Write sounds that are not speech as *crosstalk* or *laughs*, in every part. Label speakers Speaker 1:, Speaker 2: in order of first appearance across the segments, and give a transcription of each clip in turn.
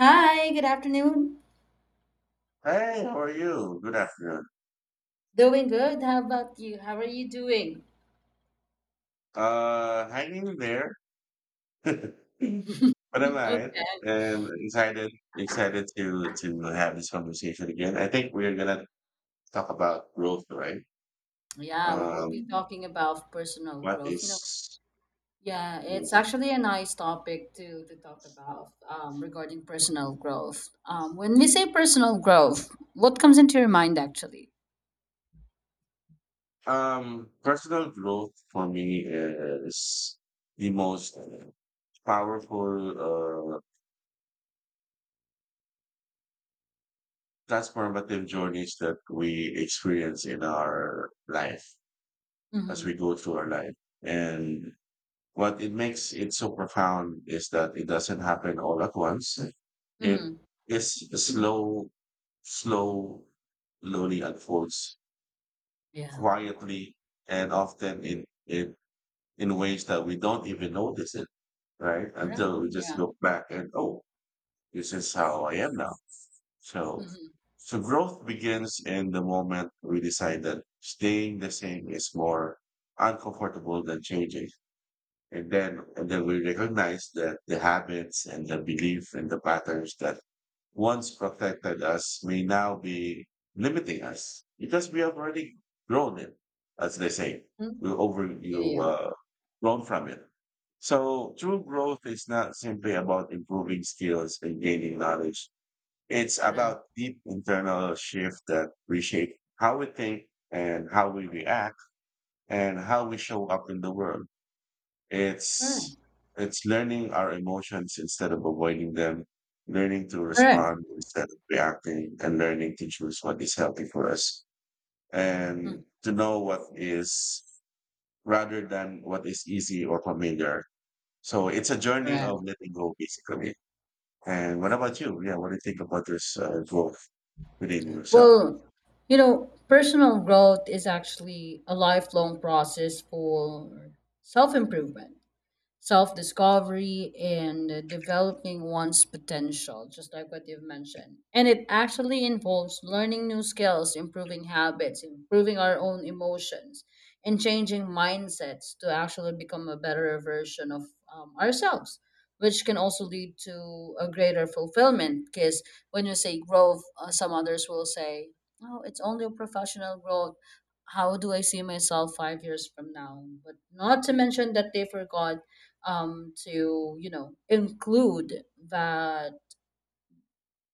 Speaker 1: Hi, good afternoon.
Speaker 2: Hey, how are you? Good afternoon.
Speaker 1: Doing good. How about you? How are you doing?
Speaker 2: Hanging in there, *laughs* but I'm alright
Speaker 1: Okay.
Speaker 2: and excited, excited to have this conversation again. I think we're gonna talk about growth, right?
Speaker 1: Yeah, we will be
Speaker 2: Um,
Speaker 1: talking about personal
Speaker 2: what
Speaker 1: growth. You know,
Speaker 2: is
Speaker 1: yeah, it's actually a nice topic to talk about regarding personal growth. When we say personal growth, what comes into your mind actually?
Speaker 2: Personal growth for me is the most powerful, uh, transformative journeys that we experience in our life as
Speaker 1: Mm-hmm.
Speaker 2: we go through our life and what it makes it so profound is that it doesn't happen all at once. It
Speaker 1: Mm-hmm.
Speaker 2: is a slow, slow, slowly unfolds
Speaker 1: Yeah.
Speaker 2: quietly and often in ways that we don't even notice it, right?
Speaker 1: Correct.
Speaker 2: Until we just
Speaker 1: Yeah.
Speaker 2: look back and oh, this is how I am now. So so growth begins in the moment we decide that staying the same is more uncomfortable than changing. And then we recognize that the habits and the belief and the patterns that once protected us may now be limiting us because we have already grown it, as they say.
Speaker 1: Mm-hmm.
Speaker 2: We over
Speaker 1: Yeah.
Speaker 2: you
Speaker 1: Yeah.
Speaker 2: grown from it. So true growth is not simply about improving skills and gaining knowledge. It's
Speaker 1: Correct.
Speaker 2: about deep internal shift that reshape how we think and how we react and how we show up in the world. It's
Speaker 1: Correct.
Speaker 2: it's learning our emotions instead of avoiding them, learning to
Speaker 1: Correct.
Speaker 2: respond instead of reacting, and learning to choose what is healthy for us
Speaker 1: Mm,
Speaker 2: and to know what is rather than what is easy or familiar. So it's a journey
Speaker 1: correct.
Speaker 2: of letting go, basically. And what about you? Yeah, what do you think about this growth within yourself?
Speaker 1: Well, personal growth is actually a lifelong process for self improvement, self discovery, and developing one's potential, just like what you've mentioned. And it actually involves learning new skills, improving habits, improving our own emotions, and changing mindsets to actually become a better version of ourselves, which can also lead to a greater fulfillment. Because when you say growth, some others will say, oh, it's only a professional growth. How do I see myself 5 years from now? But not to mention that they forgot, to include that,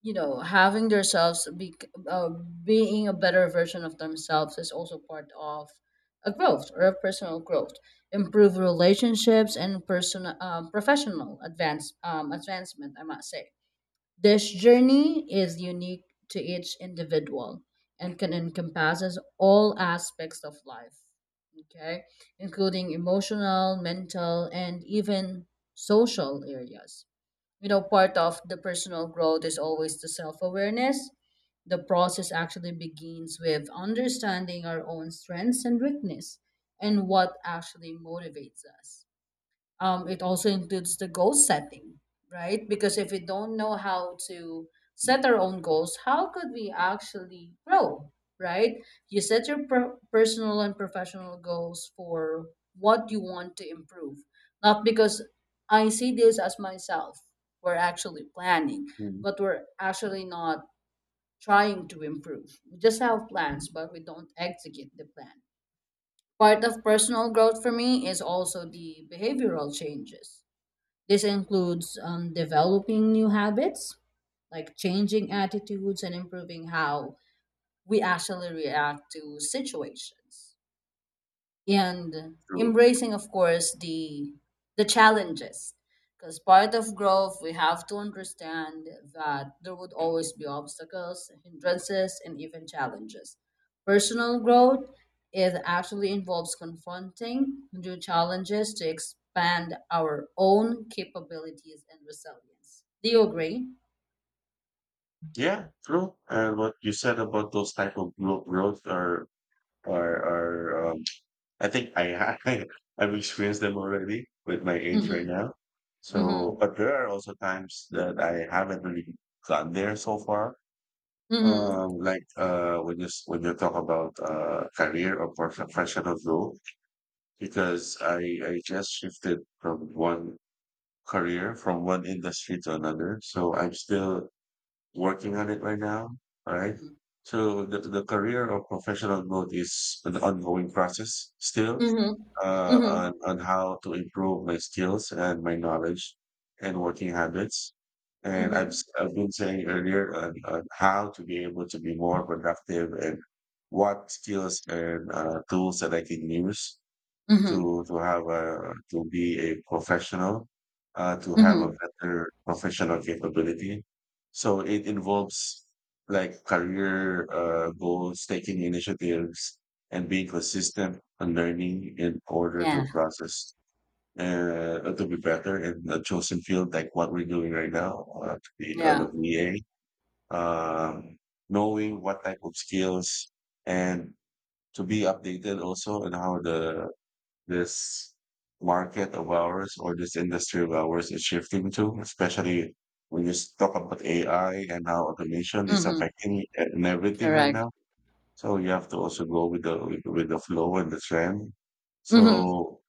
Speaker 1: having themselves be uh, being a better version of themselves, is also part of a growth or a personal growth. Improve relationships and personal, professional advancement, I must say. This journey is unique to each individual and can encompasses all aspects of life, okay, including emotional, mental, and even social areas. Part of the personal growth is always the self-awareness. The process actually begins with understanding our own strengths and weakness and what actually motivates us. It also includes the goal setting, right? Because if we don't know how to set our own goals, how could we actually grow, right? You set your personal and professional goals for what you want to improve, not because I see this as myself. We're actually planning,
Speaker 2: Mm.
Speaker 1: but we're actually not trying to improve. We just have plans, but we don't execute the plan. Part of personal growth for me is also the behavioral changes. This includes, developing new habits, like changing attitudes and improving how we actually react to situations, and
Speaker 2: True.
Speaker 1: embracing of course the challenges. Because part of growth, we have to understand that there would always be obstacles, hindrances, and even challenges. Personal growth, it actually involves confronting new challenges to expand our own capabilities and resilience. Do you agree?
Speaker 2: Yeah, true. And what you said about those type of growth, growth are are. are um, I think *laughs* I've experienced them already with my age
Speaker 1: Mm-hmm.
Speaker 2: right now. So,
Speaker 1: Mm-hmm.
Speaker 2: but there are also times that I haven't really gotten there so far.
Speaker 1: Mm-hmm.
Speaker 2: Like when when you talk about career or professional growth, because I just shifted from one career from one industry to another. So I'm still working on it right now. All right.
Speaker 1: Mm-hmm.
Speaker 2: So the career or professional growth is an ongoing process still
Speaker 1: Mm-hmm. Mm-hmm.
Speaker 2: on how to improve my skills and my knowledge and working habits. And
Speaker 1: Mm-hmm.
Speaker 2: I've been saying earlier on how to be able to be more productive and what skills and tools that I can use
Speaker 1: Mm-hmm.
Speaker 2: to have a to be a professional, to have a
Speaker 1: Mm-hmm.
Speaker 2: better professional capability. So it involves like career goals, taking initiatives, and being consistent on learning in order
Speaker 1: Yeah,
Speaker 2: to process to be better in a chosen field like what we're doing right now to be on
Speaker 1: yeah.
Speaker 2: a VA. Um, Knowing what type of skills and to be updated also and how the this market of ours or this industry of ours is shifting to, especially when talk about AI and how automation is
Speaker 1: Mm-hmm.
Speaker 2: affecting it and everything right
Speaker 1: Correct.
Speaker 2: now. So you have to also go with the with the flow and the trend.
Speaker 1: Mhm.
Speaker 2: So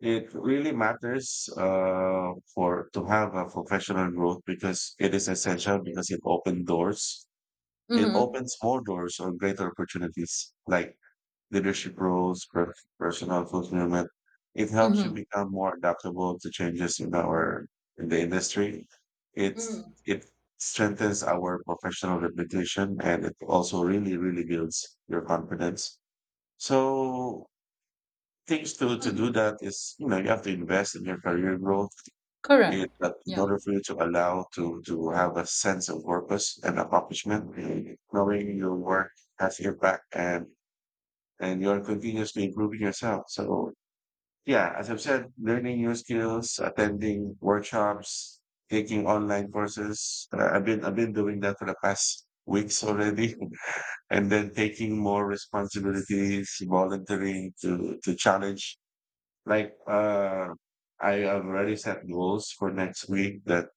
Speaker 2: it really matters for to have a professional growth because it is essential because it opens doors. It
Speaker 1: Mhm.
Speaker 2: opens more doors or greater opportunities like leadership roles, personal fulfillment. It helps you
Speaker 1: Mhm.
Speaker 2: become more adaptable to changes in our in the industry. It's
Speaker 1: Mm.
Speaker 2: it strengthens our professional reputation and it also really, really builds your confidence. So things to
Speaker 1: Mm.
Speaker 2: do that is, you know, you have to invest in your career growth.
Speaker 1: Correct.
Speaker 2: It, that in
Speaker 1: Yeah.
Speaker 2: order for you to allow to have a sense of purpose and accomplishment, knowing your work has your back and you're continuously improving yourself. So, yeah, as I've said, learning new skills, attending workshops, taking online courses. I've been doing that for the past weeks already, *laughs* and then taking more responsibilities, volunteering to challenge. Like I have already set goals for next week that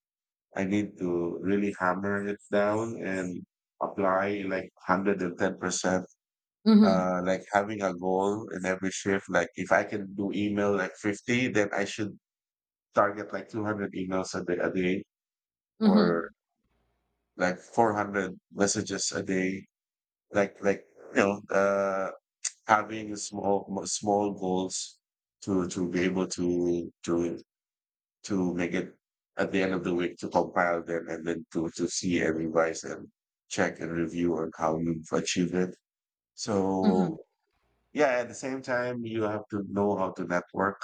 Speaker 2: I need to really hammer it down and apply like 110%
Speaker 1: Mhm.
Speaker 2: like having a goal in every shift. Like if I can do email like 50, then I should target like 200 emails a day or
Speaker 1: Mhm.
Speaker 2: like 400 messages a day. Like, like, you know, having small goals to be able to make it at the end of the week to compile them and then to see and revise and check and review on how you've achieved it.
Speaker 1: Mhm.
Speaker 2: So yeah at the same time you have to know how to network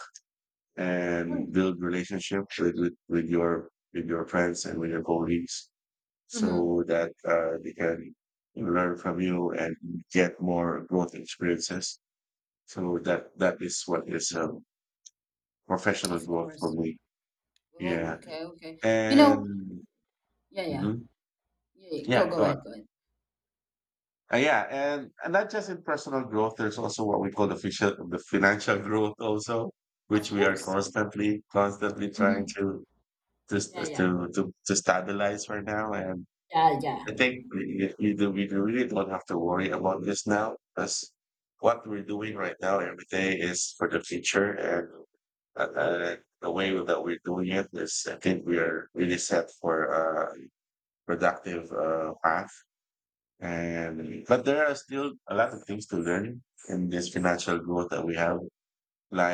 Speaker 1: Correct.
Speaker 2: and build relationships with your friends and with your colleagues
Speaker 1: Mhm.
Speaker 2: so that they can learn from you and get more growth experiences so that that is what is
Speaker 1: Of
Speaker 2: professional growth for
Speaker 1: course.
Speaker 2: me
Speaker 1: Oh,
Speaker 2: yeah
Speaker 1: okay, okay. You know,
Speaker 2: and
Speaker 1: yeah, yeah.
Speaker 2: mhm.
Speaker 1: Yeah, yeah. go
Speaker 2: Yeah,
Speaker 1: go
Speaker 2: go on.
Speaker 1: ahead, go ahead.
Speaker 2: Yeah, and not just in personal growth, there's also what we call the financial growth also,
Speaker 1: Of
Speaker 2: which we are
Speaker 1: course.
Speaker 2: constantly, constantly trying
Speaker 1: Mhm.
Speaker 2: to just
Speaker 1: Yeah, yeah.
Speaker 2: to to stabilize right now. And
Speaker 1: Yeah, yeah.
Speaker 2: I think we really don't have to worry about this now because what we're doing right now every day is for the future, and the way that we're doing it is, I think we are really set for a productive path and but there are still a lot of things to learn in this financial growth that we have,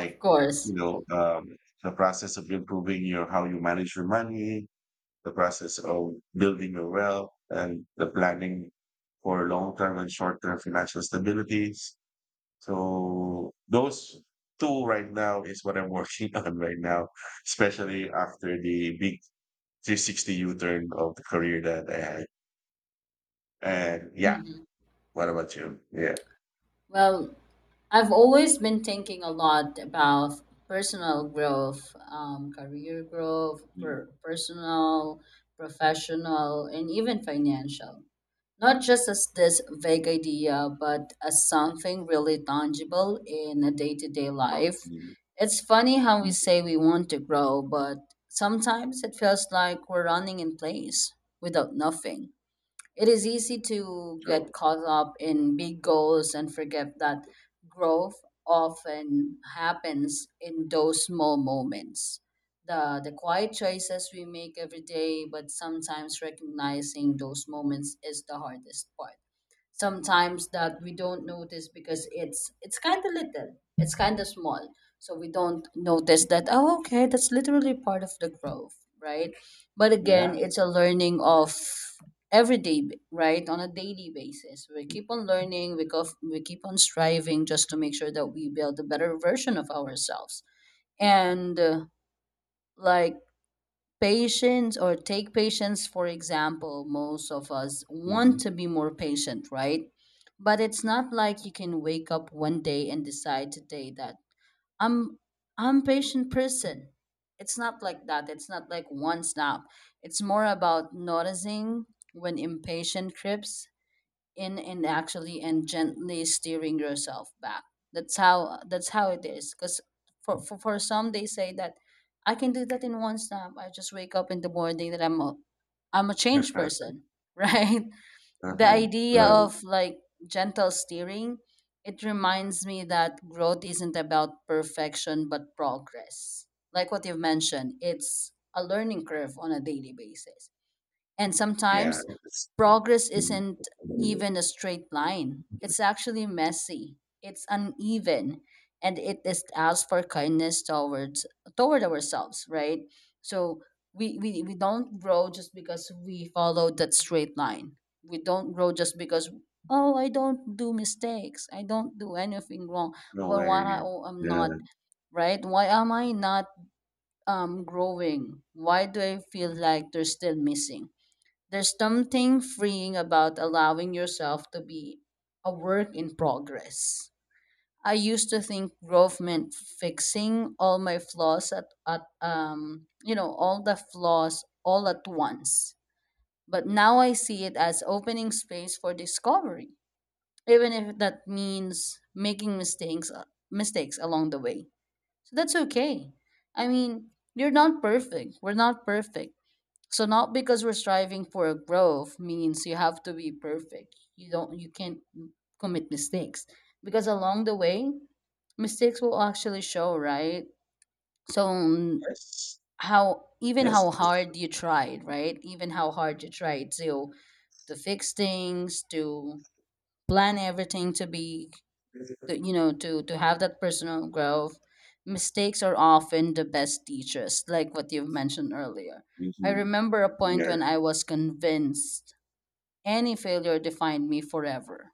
Speaker 1: Of course.
Speaker 2: you know, the process of improving your how you manage your money, the process of building your wealth, and the planning for long term and short term financial stabilities. So those two right now is what I'm working *laughs* on right now, especially after the big 360 U turn of the career that I had. And yeah,
Speaker 1: Mhm.
Speaker 2: what about you? Yeah.
Speaker 1: Well, I've always been thinking a lot about personal growth, career growth, personal, professional, and even financial. Not just as this vague idea, but as something really tangible in a day to day life.
Speaker 2: Mhm.
Speaker 1: It's funny how we
Speaker 2: Mhm.
Speaker 1: say we want to grow, but sometimes it feels like we're running in place without nothing. It is easy to get caught up in big goals and forget that growth often happens in those small moments. The quiet choices we make every day, but sometimes recognizing those moments is the hardest part. Sometimes that we don't notice, because it's kind of little, it's kind of small, so we don't notice that,
Speaker 2: Mhm.
Speaker 1: oh okay, that's literally part of the growth, right? But again,
Speaker 2: Yeah.
Speaker 1: it's a learning of every day, right, on a daily basis. We keep on learning, we keep on striving, just to make sure that we build a better version of ourselves. And like patience, or take patience for example, most of us want
Speaker 2: Mhm.
Speaker 1: to be more patient, right? But it's not like you can wake up one day and decide today that i'm I'm patient person. It's not like that, it's not like one snap. It's more about noticing when impatient creeps in, and actually, and gently steering yourself back. That's how it is. Because for some, they say that I can do that in one snap, I just wake up in the morning that I'm a changed
Speaker 2: Uh-huh.
Speaker 1: person *laughs* right? The
Speaker 2: Uh-huh.
Speaker 1: idea
Speaker 2: Right.
Speaker 1: of like gentle steering, it reminds me that growth isn't about perfection but progress, like what you've mentioned. It's a learning curve on a daily basis. And
Speaker 2: Yeah.
Speaker 1: sometimes
Speaker 2: That's true.
Speaker 1: progress
Speaker 2: Mhm.
Speaker 1: isn't even a straight line, it's actually messy, it's uneven, and it is asks for kindness toward ourselves, right? So we don't grow just because we follow that straight line. We don't grow just because, oh I don't do mistakes, I don't do anything wrong.
Speaker 2: No
Speaker 1: But
Speaker 2: way.
Speaker 1: why I, oh, I'm not,
Speaker 2: Yeah.
Speaker 1: right? Why am I not growing? Why do I feel like they're still missing? There's something freeing about allowing yourself to be a work in progress. I used to think growth meant fixing all my flaws all the flaws all at once. But now I see it as opening space for discovery, even if that means making mistakes along the way. So that's okay. I mean, you're not perfect, we're not perfect. So not because we're striving for a growth means you have to be perfect. You can't commit mistakes, because along the way mistakes will actually show, right? So
Speaker 2: Yes.
Speaker 1: how even how
Speaker 2: Yes. That's true.
Speaker 1: hard you tried, right? Even how hard you tried to fix things, to plan everything to, to have that personal growth. Mistakes are often the best teachers, like what you've mentioned earlier. I
Speaker 2: Mhm.
Speaker 1: remember a point
Speaker 2: Yeah.
Speaker 1: when I was convinced any failure defined me forever.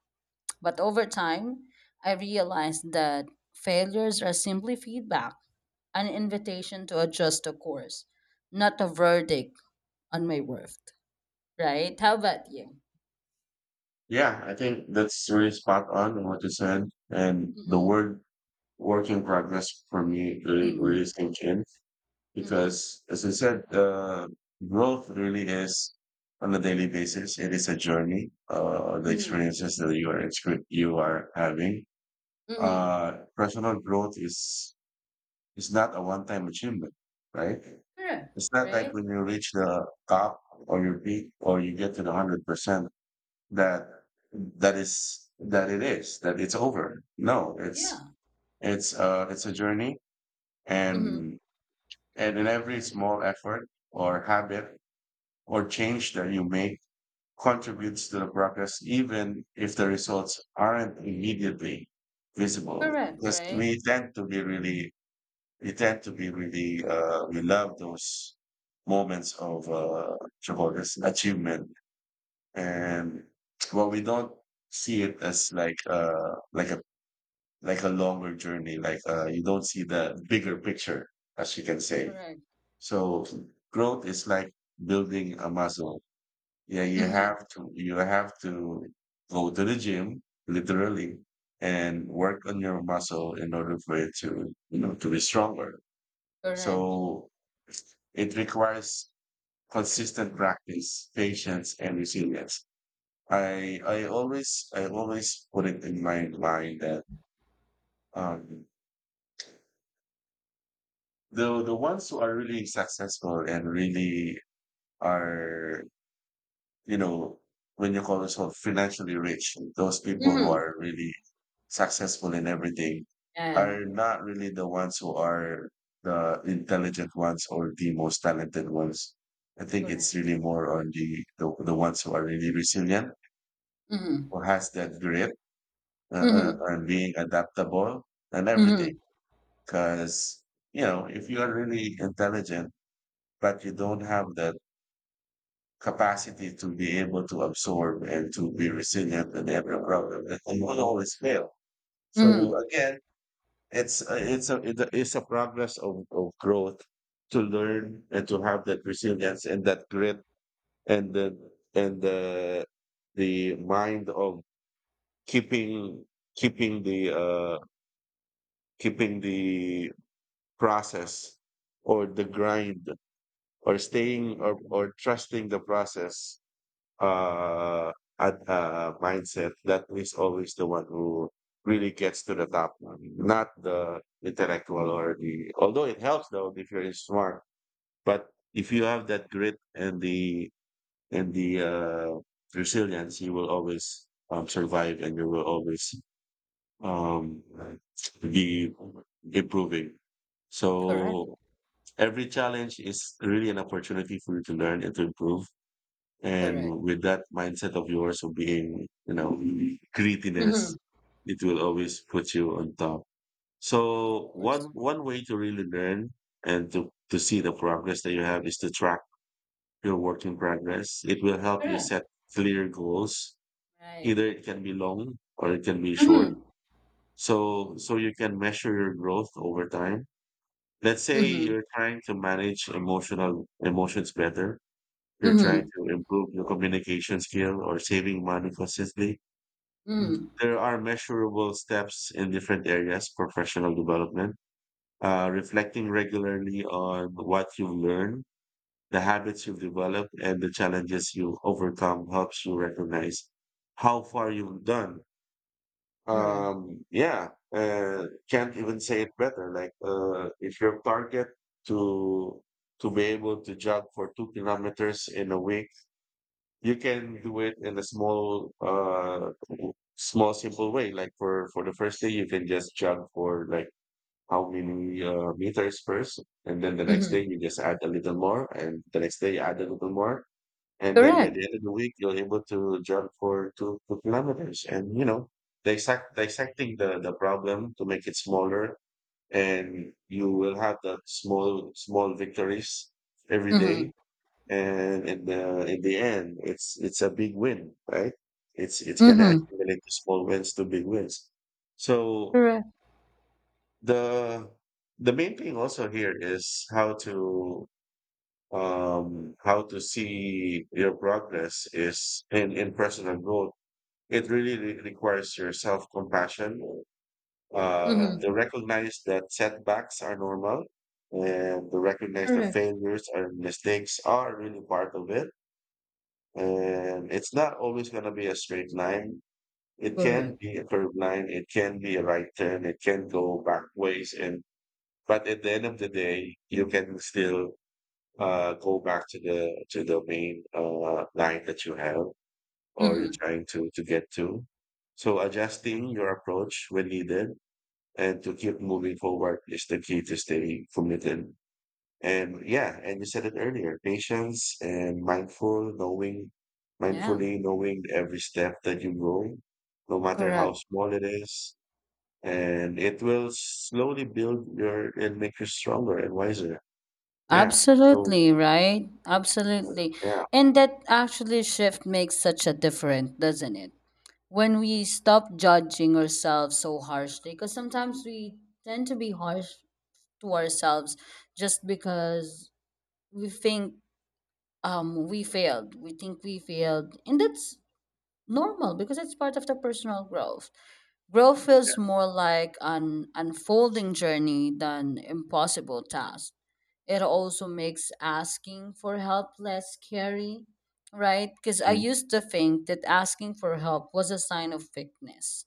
Speaker 1: But over time, I realized that failures are simply feedback, an invitation to adjust the course, not a verdict on my worth, right? How about you?
Speaker 2: Yeah. I think that's really spot on what you said. And the
Speaker 1: Mm-hmm.
Speaker 2: word work in progress for me really,
Speaker 1: Mm-hmm.
Speaker 2: really sinks in.
Speaker 1: Mm-hmm.
Speaker 2: Because as I said, growth really is on a daily basis. It is a journey. The
Speaker 1: Mm-hmm.
Speaker 2: experiences that you are you are having.
Speaker 1: Mm-hmm.
Speaker 2: Personal growth is not a one time achievement, right?
Speaker 1: Correct.
Speaker 2: It's not like
Speaker 1: Right.
Speaker 2: when you reach the top or your peak or you get to the 100% that that is that it is that it's over. No, it's
Speaker 1: Yeah.
Speaker 2: it's a journey
Speaker 1: Mm-hmm.
Speaker 2: and and in every small effort or habit or change that you make contributes to the progress, even if the results aren't immediately visible.
Speaker 1: Correct,
Speaker 2: Because
Speaker 1: right?
Speaker 2: we tend to be really, we tend to be really, we love those moments of tremendous achievement, and well, we don't see it as like a longer journey. Like you don't see the bigger picture, as you can say.
Speaker 1: Correct.
Speaker 2: So growth is like building a muscle yeah,
Speaker 1: Mhm.
Speaker 2: you have to go to the gym literally and work on your muscle in order for it to, you know, to be stronger.
Speaker 1: Correct,
Speaker 2: So it requires consistent practice, patience, and resilience. I
Speaker 1: correct.
Speaker 2: always I always put it in my mind that um the ones who are really successful and really are you know, when you call yourself financially rich, those people who
Speaker 1: Mhm.
Speaker 2: are really successful in everything
Speaker 1: And
Speaker 2: are not really the ones who are the intelligent ones or the most talented ones. I think it's
Speaker 1: correct.
Speaker 2: really more on the ones who are really resilient,
Speaker 1: Mhm.
Speaker 2: who has that grit
Speaker 1: Mhm.
Speaker 2: and being adaptable and everything.
Speaker 1: Mhm.
Speaker 2: Because you know, if you are really intelligent but you don't have that capacity to be able to absorb and to be resilient in every problem that you will always fail. So
Speaker 1: Mhm.
Speaker 2: again, it's a progress of growth to learn and to have that resilience and that grit and the and the mind of keeping keeping the uh the process or the grind or staying or trusting the process uh, at mindset that is always the one who really gets to the top, not the intellectual or the. Although it helps though if you're smart, but if you have that grit and the resilience, you will always survive and you will always um, be improving.
Speaker 1: Correct,
Speaker 2: So every challenge is really an opportunity for you to learn and to improve
Speaker 1: correct.
Speaker 2: and with that mindset of yours of being, you know,
Speaker 1: Mhm.
Speaker 2: grittiness, it will always put you on top.
Speaker 1: Of
Speaker 2: So one
Speaker 1: course.
Speaker 2: one way to really learn and to see the progress that you have is to track your work in progress. It will help you
Speaker 1: Correct.
Speaker 2: set clear goals.
Speaker 1: Right.
Speaker 2: Either it can be long or it can be short.
Speaker 1: Mhm.
Speaker 2: So so you can measure your growth over time. Let's say
Speaker 1: Mhm.
Speaker 2: you're trying to manage emotional emotions better, you're trying
Speaker 1: Mhm.
Speaker 2: to improve your communication skill or saving money consistently.
Speaker 1: Mhm.
Speaker 2: There are measurable steps in different areas, professional development, reflecting regularly on what you've learned, the habits you've developed, and the challenges you overcome helps you recognize how far you've done.
Speaker 1: Correct.
Speaker 2: Yeah, can't even say it better. Like, if your target to to be able to jog for 2 kilometers in a week, you can do it in a small small simple way, like for the first day you can just jog for like how many meters first, and then the next
Speaker 1: Mhm.
Speaker 2: day you just add a little more, and the next day you add a little more, and then by
Speaker 1: Correct.
Speaker 2: the end of the week you're able to jog for two kilometers. And you know, dissecting the problem to make it smaller, and you will have the small victories every day,
Speaker 1: Mhm.
Speaker 2: and in the end, it's a big win, right? It's gonna
Speaker 1: Mhm.
Speaker 2: accumulate to small wins to big wins. So
Speaker 1: Correct.
Speaker 2: the the main thing also here is how to see your progress is in personal growth. It really requires your self compassion, to
Speaker 1: Mhm.
Speaker 2: recognize that setbacks are normal, and to recognize that
Speaker 1: Correct.
Speaker 2: failures and mistakes are really part of it. And it's not always going to be a straight line. It can
Speaker 1: Correct.
Speaker 2: be a curved line. It can be a right turn. It can go back ways. And But at the end of the day, you can still go back to the main line that you have or you're
Speaker 1: Mhm.
Speaker 2: trying to get to. So adjusting your approach when needed and to keep moving forward is the key to stay committed. And yeah, and you said it earlier, patience and
Speaker 1: Yeah.
Speaker 2: mindfully knowing every step that you go, no matter
Speaker 1: Correct.
Speaker 2: how small it is, and it will slowly build your and make you stronger and wiser. Yeah. So
Speaker 1: Absolutely, right?
Speaker 2: uh,
Speaker 1: Absolutely.
Speaker 2: yeah.
Speaker 1: And that actually shift makes such a difference, doesn't it? When we stop judging ourselves so harshly, because sometimes we tend to be harsh to ourselves just because we think, we failed, and that's normal, because it's part of the personal growth. Growth feels more like an unfolding journey than impossible task. It also makes asking for help less scary, right? Because I
Speaker 2: Mm.
Speaker 1: used to think that asking for help was a sign of weakness.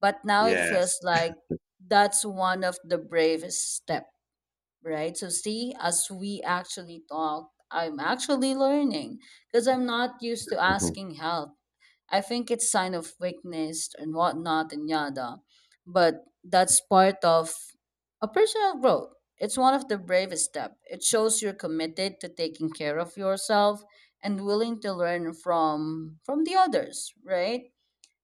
Speaker 1: But now it
Speaker 2: Yes.
Speaker 1: feels like that's one of the bravest step, right? So see, as we actually talk, I'm actually learning, because I'm not used to
Speaker 2: Mhm.
Speaker 1: asking help. I think it's sign of weakness and whatnot and yada. But that's part of a personal growth. It's one of the bravest step. It shows you're committed to taking care of yourself and willing to learn from the others, right?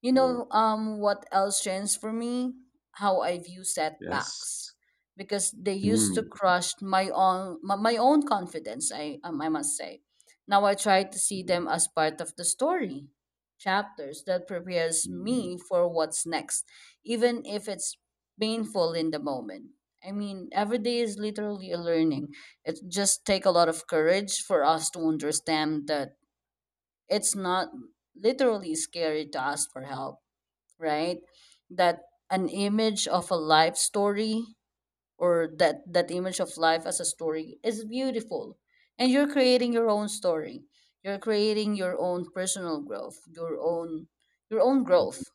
Speaker 2: Yeah.
Speaker 1: What else changed for me? How I view setbacks,
Speaker 2: Yes.
Speaker 1: because they used to
Speaker 2: Mm.
Speaker 1: crush my own my own confidence. I must say, now I try to see them as part of the story, chapters that prepares
Speaker 2: Mm.
Speaker 1: me for what's next, even if it's painful in the moment. I mean, every day is literally a learning. It just take a lot of courage for us to understand that it's not literally scary to ask for help, right? That an image of a life story, or that that image of life as a story, is beautiful. And you're creating your own story, you're creating your own personal growth, your own
Speaker 2: Mm.
Speaker 1: growth,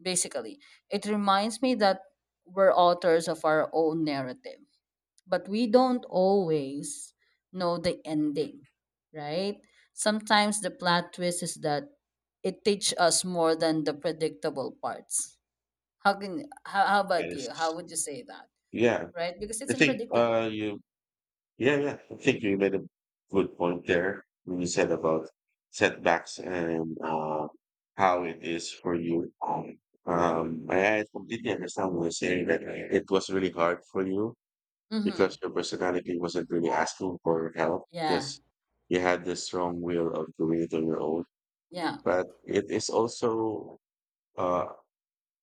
Speaker 1: basically. It reminds me that we're authors of our own narrative, but we don't always know the ending, right? Sometimes the plot twist is that it teaches us more than the predictable parts. How
Speaker 2: That
Speaker 1: about you? How
Speaker 2: is.
Speaker 1: would you say that?
Speaker 2: Yeah.
Speaker 1: Right? Because it's
Speaker 2: I think
Speaker 1: unpredictable.
Speaker 2: you Yeah, yeah. I think you made a good point there when you said about setbacks and how it is for you. I completely understand when you say that it was really hard for you
Speaker 1: Mm-hmm.
Speaker 2: because your personality wasn't really asking for help,
Speaker 1: Yeah.
Speaker 2: because you had the strong will of doing it on your own.
Speaker 1: Yeah.
Speaker 2: But it is also uh,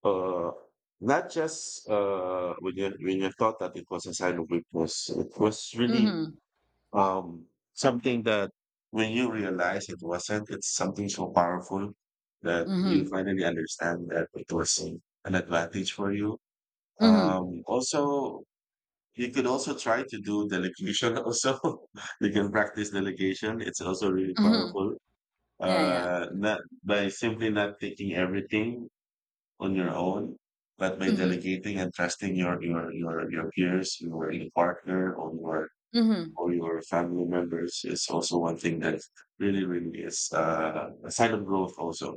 Speaker 2: uh, not just when you thought that it was a sign of weakness. It was really
Speaker 1: Mm-hmm.
Speaker 2: um, something that when you realize it wasn't, it's something so powerful that you
Speaker 1: Mm-hmm.
Speaker 2: finally understand that it was an advantage for you.
Speaker 1: Mm-hmm.
Speaker 2: Also, you could also try to do delegation *laughs* also. You can practice delegation. It's also really
Speaker 1: Mm-hmm.
Speaker 2: powerful.
Speaker 1: Yeah, yeah.
Speaker 2: Not by simply not taking everything on your own, but by
Speaker 1: Mm-hmm.
Speaker 2: delegating and trusting your peers, your partner,
Speaker 1: Mm-hmm.
Speaker 2: or your family members is also one thing that really, really is a sign of growth also.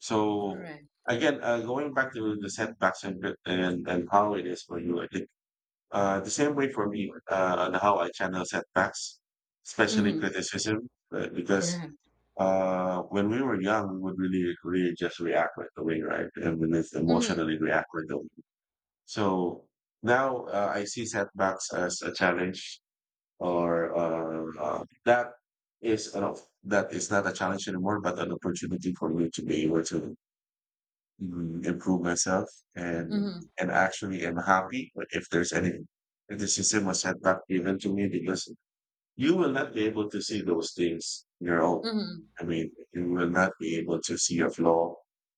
Speaker 2: So
Speaker 1: Correct.
Speaker 2: again, going back to the setbacks and, and how it is for you, I think the same way for me on how I channel setbacks, especially
Speaker 1: Mm-hmm.
Speaker 2: criticism, because
Speaker 1: Correct.
Speaker 2: when we were young, we would really, really just react right away, right? And then it's
Speaker 1: Mm-hmm.
Speaker 2: emotionally react right away. So now I see setbacks as a challenge or that is not a challenge anymore, but an opportunity for me to be able to improve myself. and
Speaker 1: Mm-hmm.
Speaker 2: and actually am happy if there's any if the system was setback given to me, because you will not be able to see those things on your own.
Speaker 1: Mm-hmm.
Speaker 2: I mean, you will not be able to see a flaw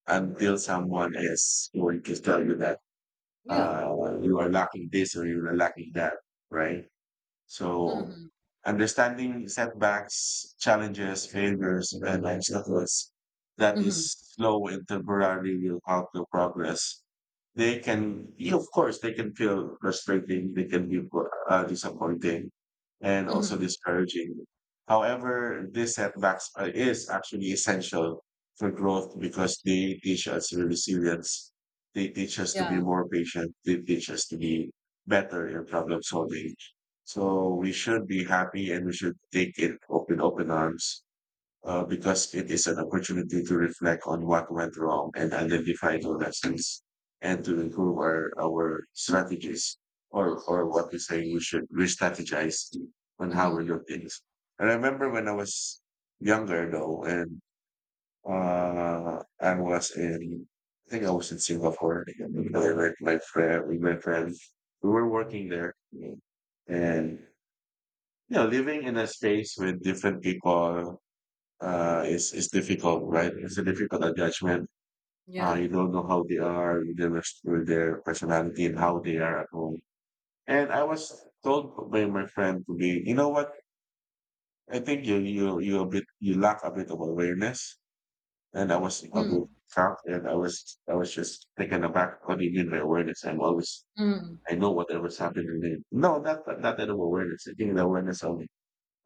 Speaker 2: until someone is going to tell you that
Speaker 1: Yeah.
Speaker 2: you are lacking this or you are lacking that, right? So
Speaker 1: Mm-hmm.
Speaker 2: understanding setbacks, challenges, failures, and obstacles that is
Speaker 1: Mm-hmm.
Speaker 2: slow and temporarily will halt your progress. They can, yeah, of course, they can feel frustrating. They can be disappointing and also
Speaker 1: Mm-hmm.
Speaker 2: discouraging. However, these setbacks are, is actually essential for growth because they teach us resilience. They teach us to be
Speaker 1: Yeah.
Speaker 2: more patient. They teach us to be better in problem solving, so we should be happy and we should take it open, open arms, because it is an opportunity to reflect on what went wrong and identify the lessons and to improve our strategies, or what we say we should re-strategize on how
Speaker 1: Mm-hmm.
Speaker 2: we do things. I remember when I was younger though, and uh, I was in, I think I was in Singapore and I met with my friend, we were working there. And yeah, living in a space with different people is difficult, right? It's a difficult adjustment.
Speaker 1: Yeah.
Speaker 2: You don't know how they are, you don't know their personality and how they are at home. And I was told by my friend to be, you know what? I think you lack a bit of awareness. And I was a
Speaker 1: Mm-hmm.
Speaker 2: bit shocked, and I was just taken aback. What do you mean by awareness? I'm always
Speaker 1: Mm-hmm.
Speaker 2: I know whatever's happening. No, not that of awareness. I think the awareness of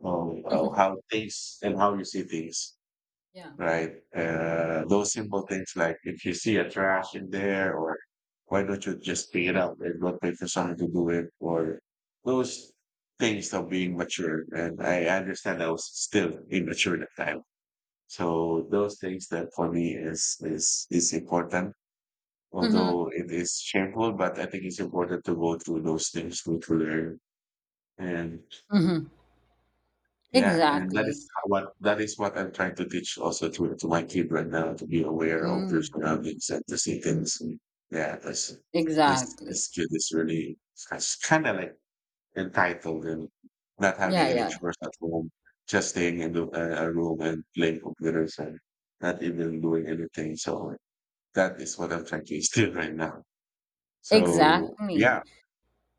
Speaker 2: oh, wow, how things and how you see things,
Speaker 1: Yeah.
Speaker 2: right? Those simple things, like if you see a trash in there, or why don't you just pick it up and not wait for someone to do it, or those things of being mature. And I understand I was still immature at the time. So those things that for me is is important.
Speaker 1: Mm-hmm.
Speaker 2: Although it is shameful, but I think it's important to go through those things to learn. And
Speaker 1: Mm-hmm.
Speaker 2: yeah, and
Speaker 1: Exactly.
Speaker 2: that is what I'm trying to teach also to my kid right now, to be aware of your
Speaker 1: Mm.
Speaker 2: surroundings and to see things. Yeah, this
Speaker 1: Exactly.
Speaker 2: this kid is really kind of like entitled and not having
Speaker 1: Yeah,
Speaker 2: any
Speaker 1: yeah, yeah.
Speaker 2: chores at home, just staying in a room and playing computers and not even doing anything. So that is what I'm trying to *laughs* instill right now. So yeah,
Speaker 1: Exactly.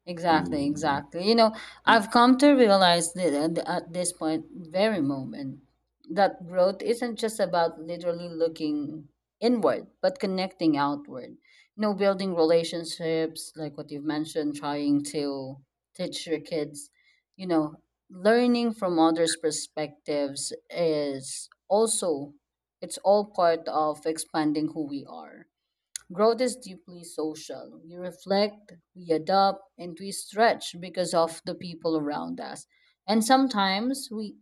Speaker 1: Exactly,
Speaker 2: mm,
Speaker 1: exactly. I've come to realize that, at this point, very moment, that growth isn't just about literally looking inward, but connecting outward. Building relationships, like what you've mentioned, trying to teach your kids, you know, learning from others' perspectives is also, it's all part of expanding who we are. Growth is deeply social. We reflect, we adapt, and we stretch because of the people around us. And sometimes we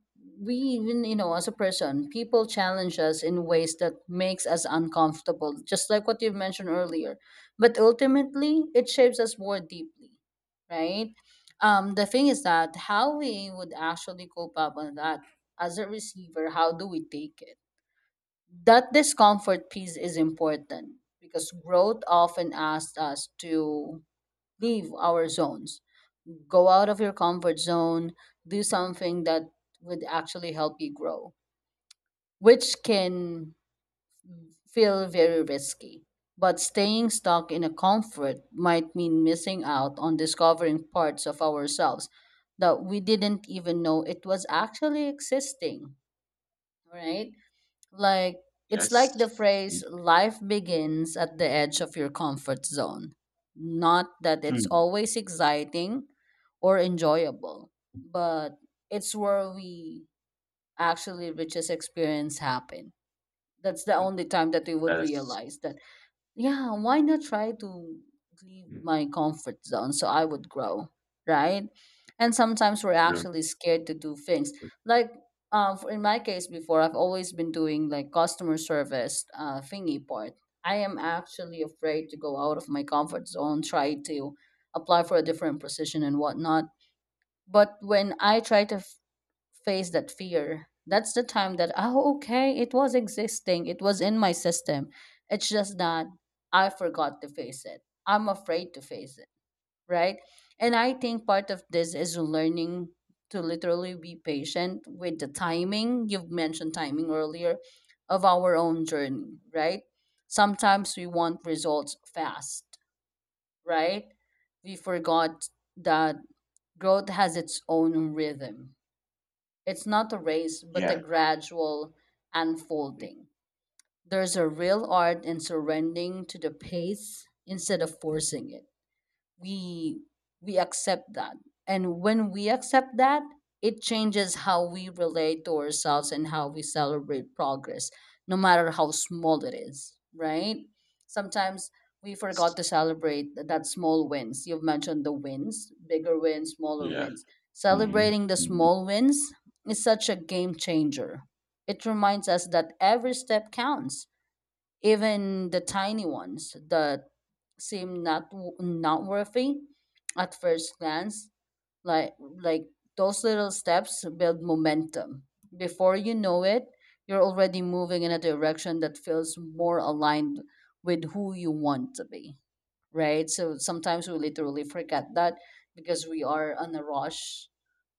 Speaker 1: we even, as a person, people challenge us in ways that makes us uncomfortable, just like what you mentioned earlier. But ultimately, it shapes us more deeply, right? The thing is that how we would actually cope up on that, as a receiver, how do we take it? That discomfort piece is important because growth often asks us to leave our zones, go out of your comfort zone, do something that would actually help you grow, which can feel very risky. But staying stuck in a comfort might mean missing out on discovering parts of ourselves that we didn't even know it was actually existing, right? Like, it's like the
Speaker 2: yes,
Speaker 1: phrase, life begins at the edge of your comfort zone. Not that it's
Speaker 2: mm,
Speaker 1: always exciting or enjoyable, but it's where we actually richest experience happen. That's the
Speaker 2: mm,
Speaker 1: only time that we would
Speaker 2: that is
Speaker 1: realize that, yeah, why not try to leave my comfort zone so I would grow, right? And sometimes we're
Speaker 2: mm,
Speaker 1: actually scared to do things, like in my case before I've always been doing like customer service thingy part. I am actually afraid to go out of my comfort zone, try to apply for a different position and whatnot. But when I try to face that fear, that's the time that, oh, okay, it was existing, it was in my system. It's just that I forgot to face it, I'm afraid to face it, right? And I think part of this is learning to literally be patient with the timing. You've mentioned timing earlier, of our own journey, right? Sometimes we want results fast, right? We forgot that growth has its own rhythm. It's not a race, but a
Speaker 2: yeah.
Speaker 1: gradual unfolding. There's a real art in surrendering to the pace instead of forcing it. We we accept that, and when we accept that, it changes how we relate to ourselves and how we celebrate progress, no matter how small it is, right? Sometimes we forgot to celebrate that small wins. You've mentioned the wins, bigger wins, smaller
Speaker 2: Yeah.
Speaker 1: wins.
Speaker 2: Mhm.
Speaker 1: Celebrating the
Speaker 2: Mhm.
Speaker 1: small wins is such a game changer. It reminds us that every step counts, even the tiny ones that seem not not worthy at first glance, like like those little steps build momentum. Before you know it, you're already moving in a direction that feels more aligned with who you want to be, right? So sometimes we literally forget that because we are on a rush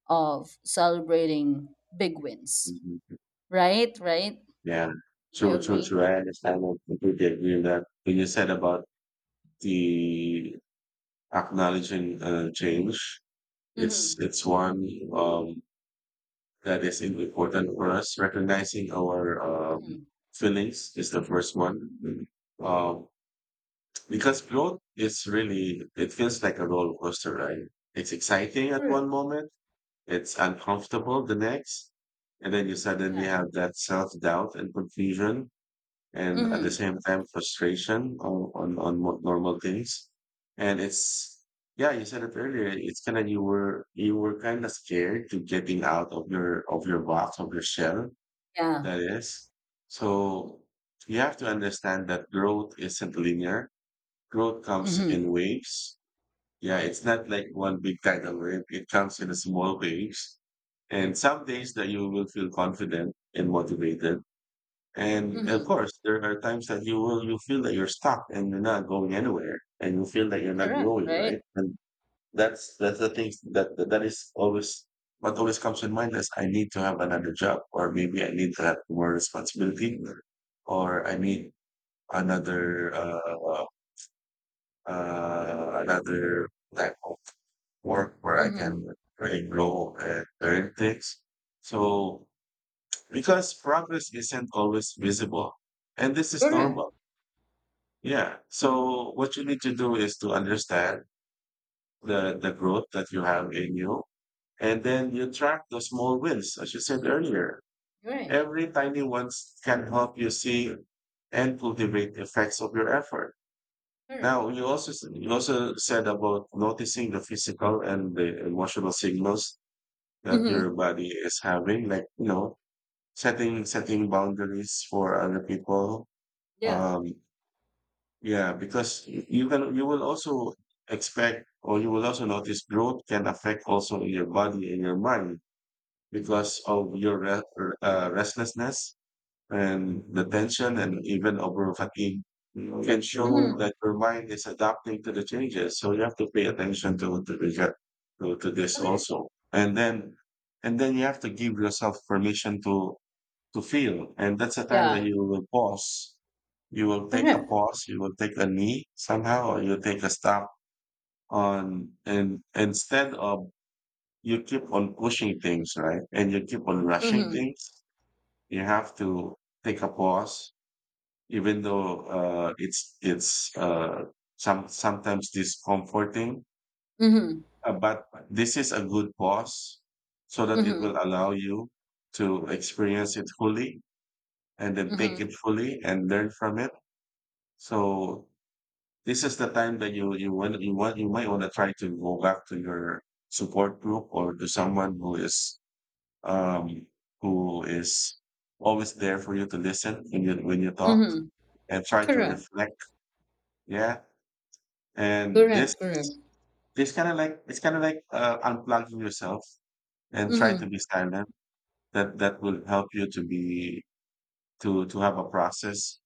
Speaker 1: of celebrating big wins,
Speaker 2: Mhm.
Speaker 1: right? Right?
Speaker 2: Yeah.
Speaker 1: Do you
Speaker 2: True, true,
Speaker 1: agree?
Speaker 2: true. I understand. I completely agree with that. When you said about the acknowledging change,
Speaker 1: Mm-hmm.
Speaker 2: it's one um, that is important for us. Recognizing our
Speaker 1: Hmm.
Speaker 2: feelings is the first one. Um, because growth is really, it feels like a roller coaster, right? It's exciting at
Speaker 1: Correct.
Speaker 2: one moment, it's uncomfortable the next, and then you suddenly
Speaker 1: Yeah.
Speaker 2: have that self-doubt and confusion, and at the
Speaker 1: Mhm.
Speaker 2: same time frustration on on normal things. And it's yeah, you said it earlier, it's kind of you were kind of scared to getting out of your box of your shell.
Speaker 1: Yeah.
Speaker 2: That is, so you have to understand that growth isn't linear, growth comes
Speaker 1: Mhm.
Speaker 2: in waves. Yeah, it's not like one big tidal wave, it comes in small waves. And some days that you will feel confident and motivated. And of
Speaker 1: Mhm.
Speaker 2: course, there are times that you feel that you're stuck and you're not going anywhere, and you feel that you're not
Speaker 1: Correct,
Speaker 2: growing, right?
Speaker 1: right?
Speaker 2: And that's the thing that is always what always comes in mind is I need to have another job, or maybe I need to have more responsibility, or I need another another type of work where I
Speaker 1: Mhm.
Speaker 2: can really grow and learn things. So because progress isn't always visible. And this is
Speaker 1: Correct.
Speaker 2: normal. Yeah. So what you need to do is to understand the growth that you have in you. And then you track the small wins, as you said earlier.
Speaker 1: Right.
Speaker 2: Every tiny ones can help you see and cultivate the effects of your effort.
Speaker 1: Correct.
Speaker 2: Now, you also said about noticing the physical and the emotional signals that your
Speaker 1: Mhm.
Speaker 2: body is having, like, you know, setting boundaries for other people.
Speaker 1: Yeah.
Speaker 2: Um, yeah, because you can you will also expect or you will also notice growth can affect also in your body and your mind
Speaker 1: Mhm.
Speaker 2: because of your restlessness and the tension and even over fatigue can show
Speaker 1: Mhm.
Speaker 2: that your mind is adapting to the changes. So you have to pay attention to to this
Speaker 1: Correct.
Speaker 2: also, and then you have to give yourself permission to feel. And that's a time that
Speaker 1: Yeah.
Speaker 2: you will pause. You will take a
Speaker 1: Correct.
Speaker 2: pause, you will take a knee somehow, or you'll take a stop on, and instead of you keep on pushing things, right? And you keep on rushing
Speaker 1: Mhm.
Speaker 2: things, you have to take a pause, even though, it's sometimes discomforting,
Speaker 1: Mhm.
Speaker 2: but this is a good pause so that it
Speaker 1: Mhm.
Speaker 2: will allow you to experience it fully and then take
Speaker 1: Mhm.
Speaker 2: it fully and learn from it. So this is the time that you might want to try to go back to your support group or to someone um who is always there for you to listen when you talk
Speaker 1: Mhm.
Speaker 2: and try to
Speaker 1: Correct.
Speaker 2: reflect. Yeah. And this
Speaker 1: Correct. Correct.
Speaker 2: this kind of like, it's kind of like unplugging yourself and try to
Speaker 1: Mhm.
Speaker 2: be silent. That will help you to be to have a process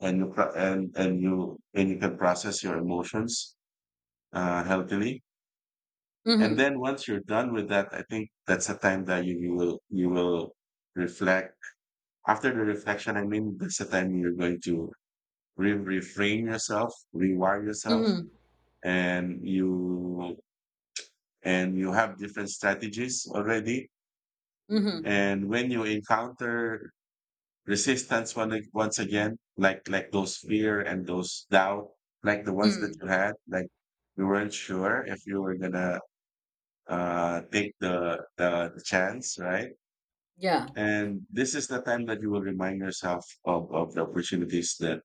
Speaker 2: and you can process your emotions healthily. And
Speaker 1: Mhm.
Speaker 2: then once you're done with that, I think that's a time that you will reflect. After the reflection, I mean, that's the time you're going to reframe yourself, rewire yourself,
Speaker 1: Mhm.
Speaker 2: and you and you have different strategies already.
Speaker 1: Mhm.
Speaker 2: And when you encounter once again, like those fear and those doubt, like the ones that
Speaker 1: Mhm.
Speaker 2: you had, like you weren't sure if you were gonna take the chance, right?
Speaker 1: Yeah.
Speaker 2: And this is the time that you will remind yourself of the opportunities that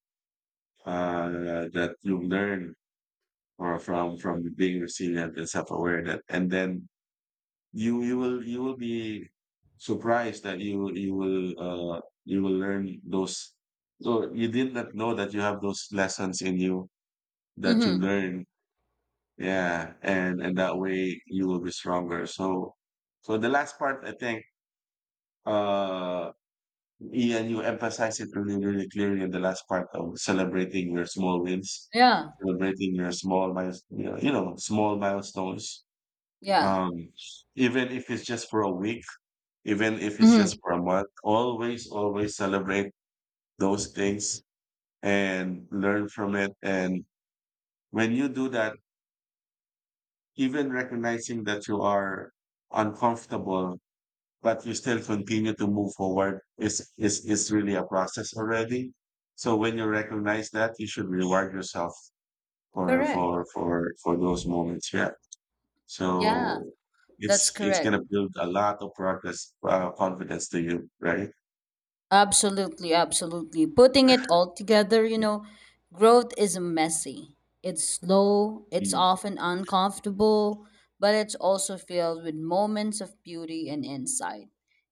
Speaker 2: that you learn or from being resilient and self aware. That, and then you will be surprised that you will you will learn those. So you did not know that you have those lessons in you that you
Speaker 1: Mhm.
Speaker 2: learn. Yeah, and that way you will be stronger. So so the last part, I think. Uh, Yeah, and you emphasize it really, really clearly in the last part of celebrating your small wins,
Speaker 1: Yeah.
Speaker 2: celebrating your small miles, small milestones.
Speaker 1: Yeah.
Speaker 2: Um, even if it's just for a week, even if it's just
Speaker 1: Mhm.
Speaker 2: for a month, always, always celebrate those things and learn from it. And when you do that, even recognizing that you are uncomfortable but you still continue to move forward is really a process already. So when you recognize that, you should reward yourself
Speaker 1: Correct.
Speaker 2: for those moments. Yeah.
Speaker 1: Yeah.
Speaker 2: So it's
Speaker 1: That's
Speaker 2: it's
Speaker 1: correct.
Speaker 2: gonna build a lot of progress, confidence to you, right?
Speaker 1: Absolutely, absolutely. Putting it all together, you know, growth is messy. It's slow, it's
Speaker 2: Mm.
Speaker 1: often uncomfortable, but it's also filled with moments of beauty and insight.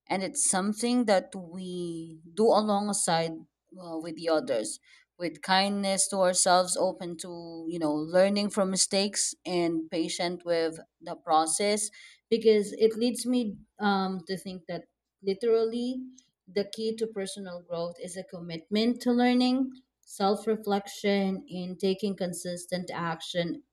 Speaker 1: And it's something that we do alongside with the others, with kindness to ourselves, open to, you know, learning from mistakes and patient with the process, because it leads me to think that literally the key to personal growth is a commitment to learning, self reflection, and taking consistent action,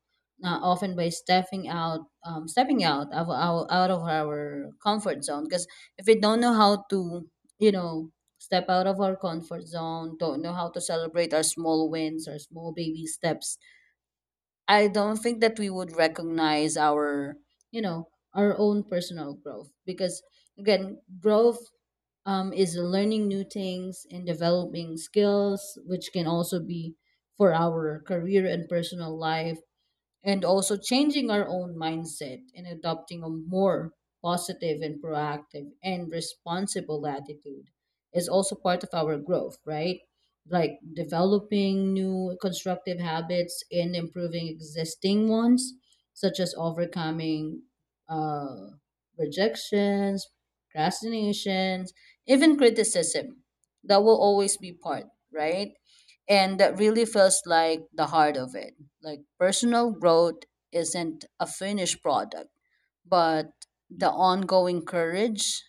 Speaker 1: often by stepping out of our comfort zone. Because if we don't know how to, you know, step out of our comfort zone, don't know how to celebrate our small wins, our small baby steps, I don't think that we would recognize our, you know, our own personal growth because, again, growth is learning new things and developing skills, which can also be for our career and personal life, and also changing our own mindset and adopting a more positive and proactive and responsible attitude is also part of our growth, right? Like developing new constructive habits and improving existing ones, such as overcoming uh, rejections, procrastinations, even criticism. That will always be part, right? And that really feels like the heart of it. Like personal growth isn't a finished product, but the ongoing courage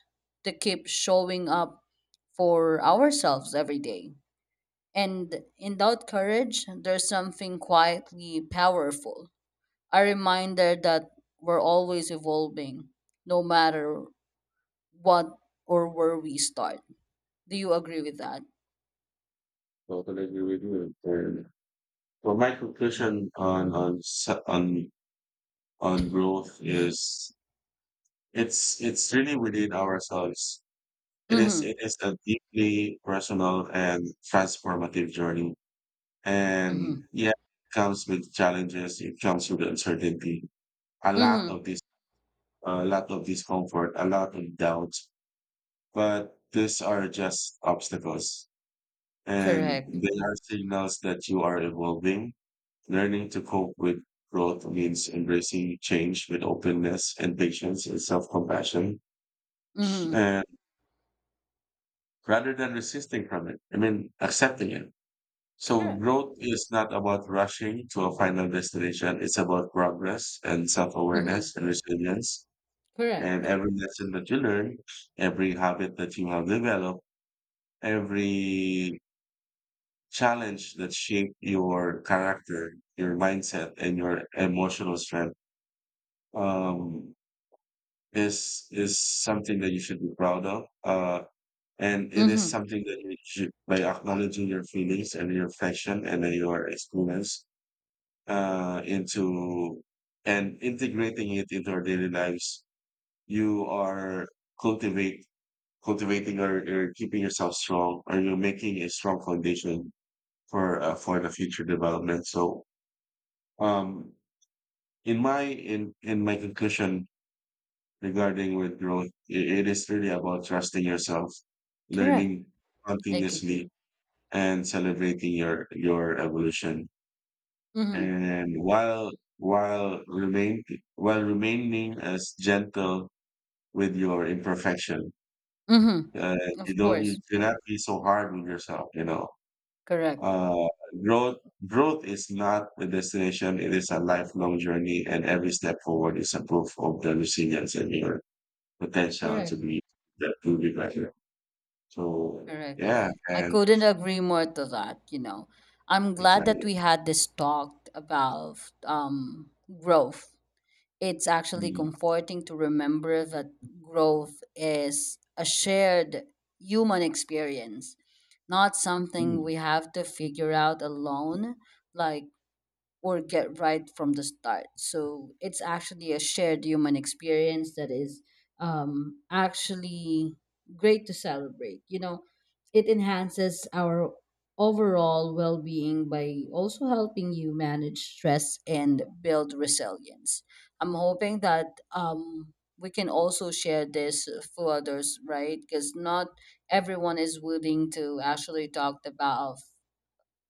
Speaker 1: to keep showing up for ourselves every day. And in that courage, there's something quietly powerful, a reminder that we're always evolving, no matter what or where we start. Do you agree with that?
Speaker 2: Totally agree with you. And so my conclusion on growth is it's really within ourselves. It is it
Speaker 1: Mm
Speaker 2: is a deeply personal and transformative journey.
Speaker 1: hmm. Mm
Speaker 2: And
Speaker 1: hmm.
Speaker 2: yeah, it comes with challenges, it comes with uncertainty, a lot
Speaker 1: Mm
Speaker 2: of
Speaker 1: hmm.
Speaker 2: this a lot of discomfort, a lot of doubts. But these are just obstacles. And
Speaker 1: Correct.
Speaker 2: they are signals that you are evolving. Learning to cope with growth means embracing change with openness and patience and self compassion.
Speaker 1: Mm hmm.
Speaker 2: And rather than resisting from it. I mean, accepting it. So
Speaker 1: Correct.
Speaker 2: growth is not about rushing to a final destination. It's about progress and
Speaker 1: Mhm.
Speaker 2: self-awareness and resilience. And
Speaker 1: Correct.
Speaker 2: every lesson that you learn, every habit that you have developed, every challenge that shaped your character, your mindset, and your emotional strength, um, is something that you should be proud of. And it is
Speaker 1: Mhm.
Speaker 2: something that you should, by acknowledging your feelings and your reflection and your experience into and integrating it into our daily lives, you are cultivate cultivating or keeping yourself strong, or you're making a strong foundation for the future development. So, um, in my conclusion regarding with growth, it is really about trusting yourself,
Speaker 1: Correct.
Speaker 2: learning
Speaker 1: I agree.
Speaker 2: continuously, and celebrating your evolution.
Speaker 1: Mhm.
Speaker 2: And while remain while remaining as gentle with your imperfection.
Speaker 1: Mhm.
Speaker 2: Uh, you
Speaker 1: Of
Speaker 2: don't,
Speaker 1: course.
Speaker 2: you cannot be so hard on yourself. You know,
Speaker 1: Correct.
Speaker 2: uh, growth growth is not a destination; it is a lifelong journey, and every step forward is a proof of the resilience and your potential to
Speaker 1: Correct.
Speaker 2: be that to be better. So
Speaker 1: Correct.
Speaker 2: yeah,
Speaker 1: I
Speaker 2: and
Speaker 1: couldn't agree more to that, you know. I'm glad that
Speaker 2: exactly.
Speaker 1: we had this talk about um growth. It's actually
Speaker 2: Mhm.
Speaker 1: comforting to remember that growth is a shared human experience, not something
Speaker 2: Mhm.
Speaker 1: we have to figure out alone. Like or get right from the start. So it's actually a shared human experience that is actually great to celebrate. You know, it enhances our overall well being by also helping you manage stress and build resilience. I'm hoping that we can also share this for others, right? Because not everyone is willing to actually talk about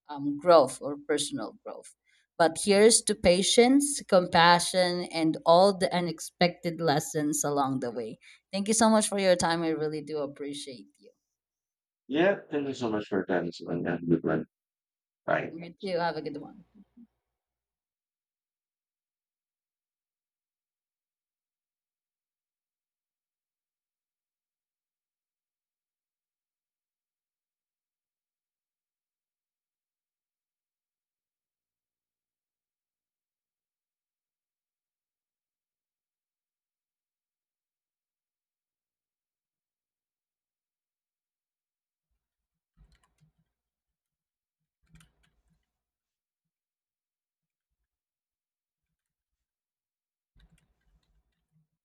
Speaker 1: growth or personal growth. But here's to patience, compassion, and all the unexpected lessons along the way. Thank you so much for your time. I really do appreciate you.
Speaker 2: Yeah, thank you so much for your time. It's been a good one. Bye.
Speaker 1: You too. Have a good one.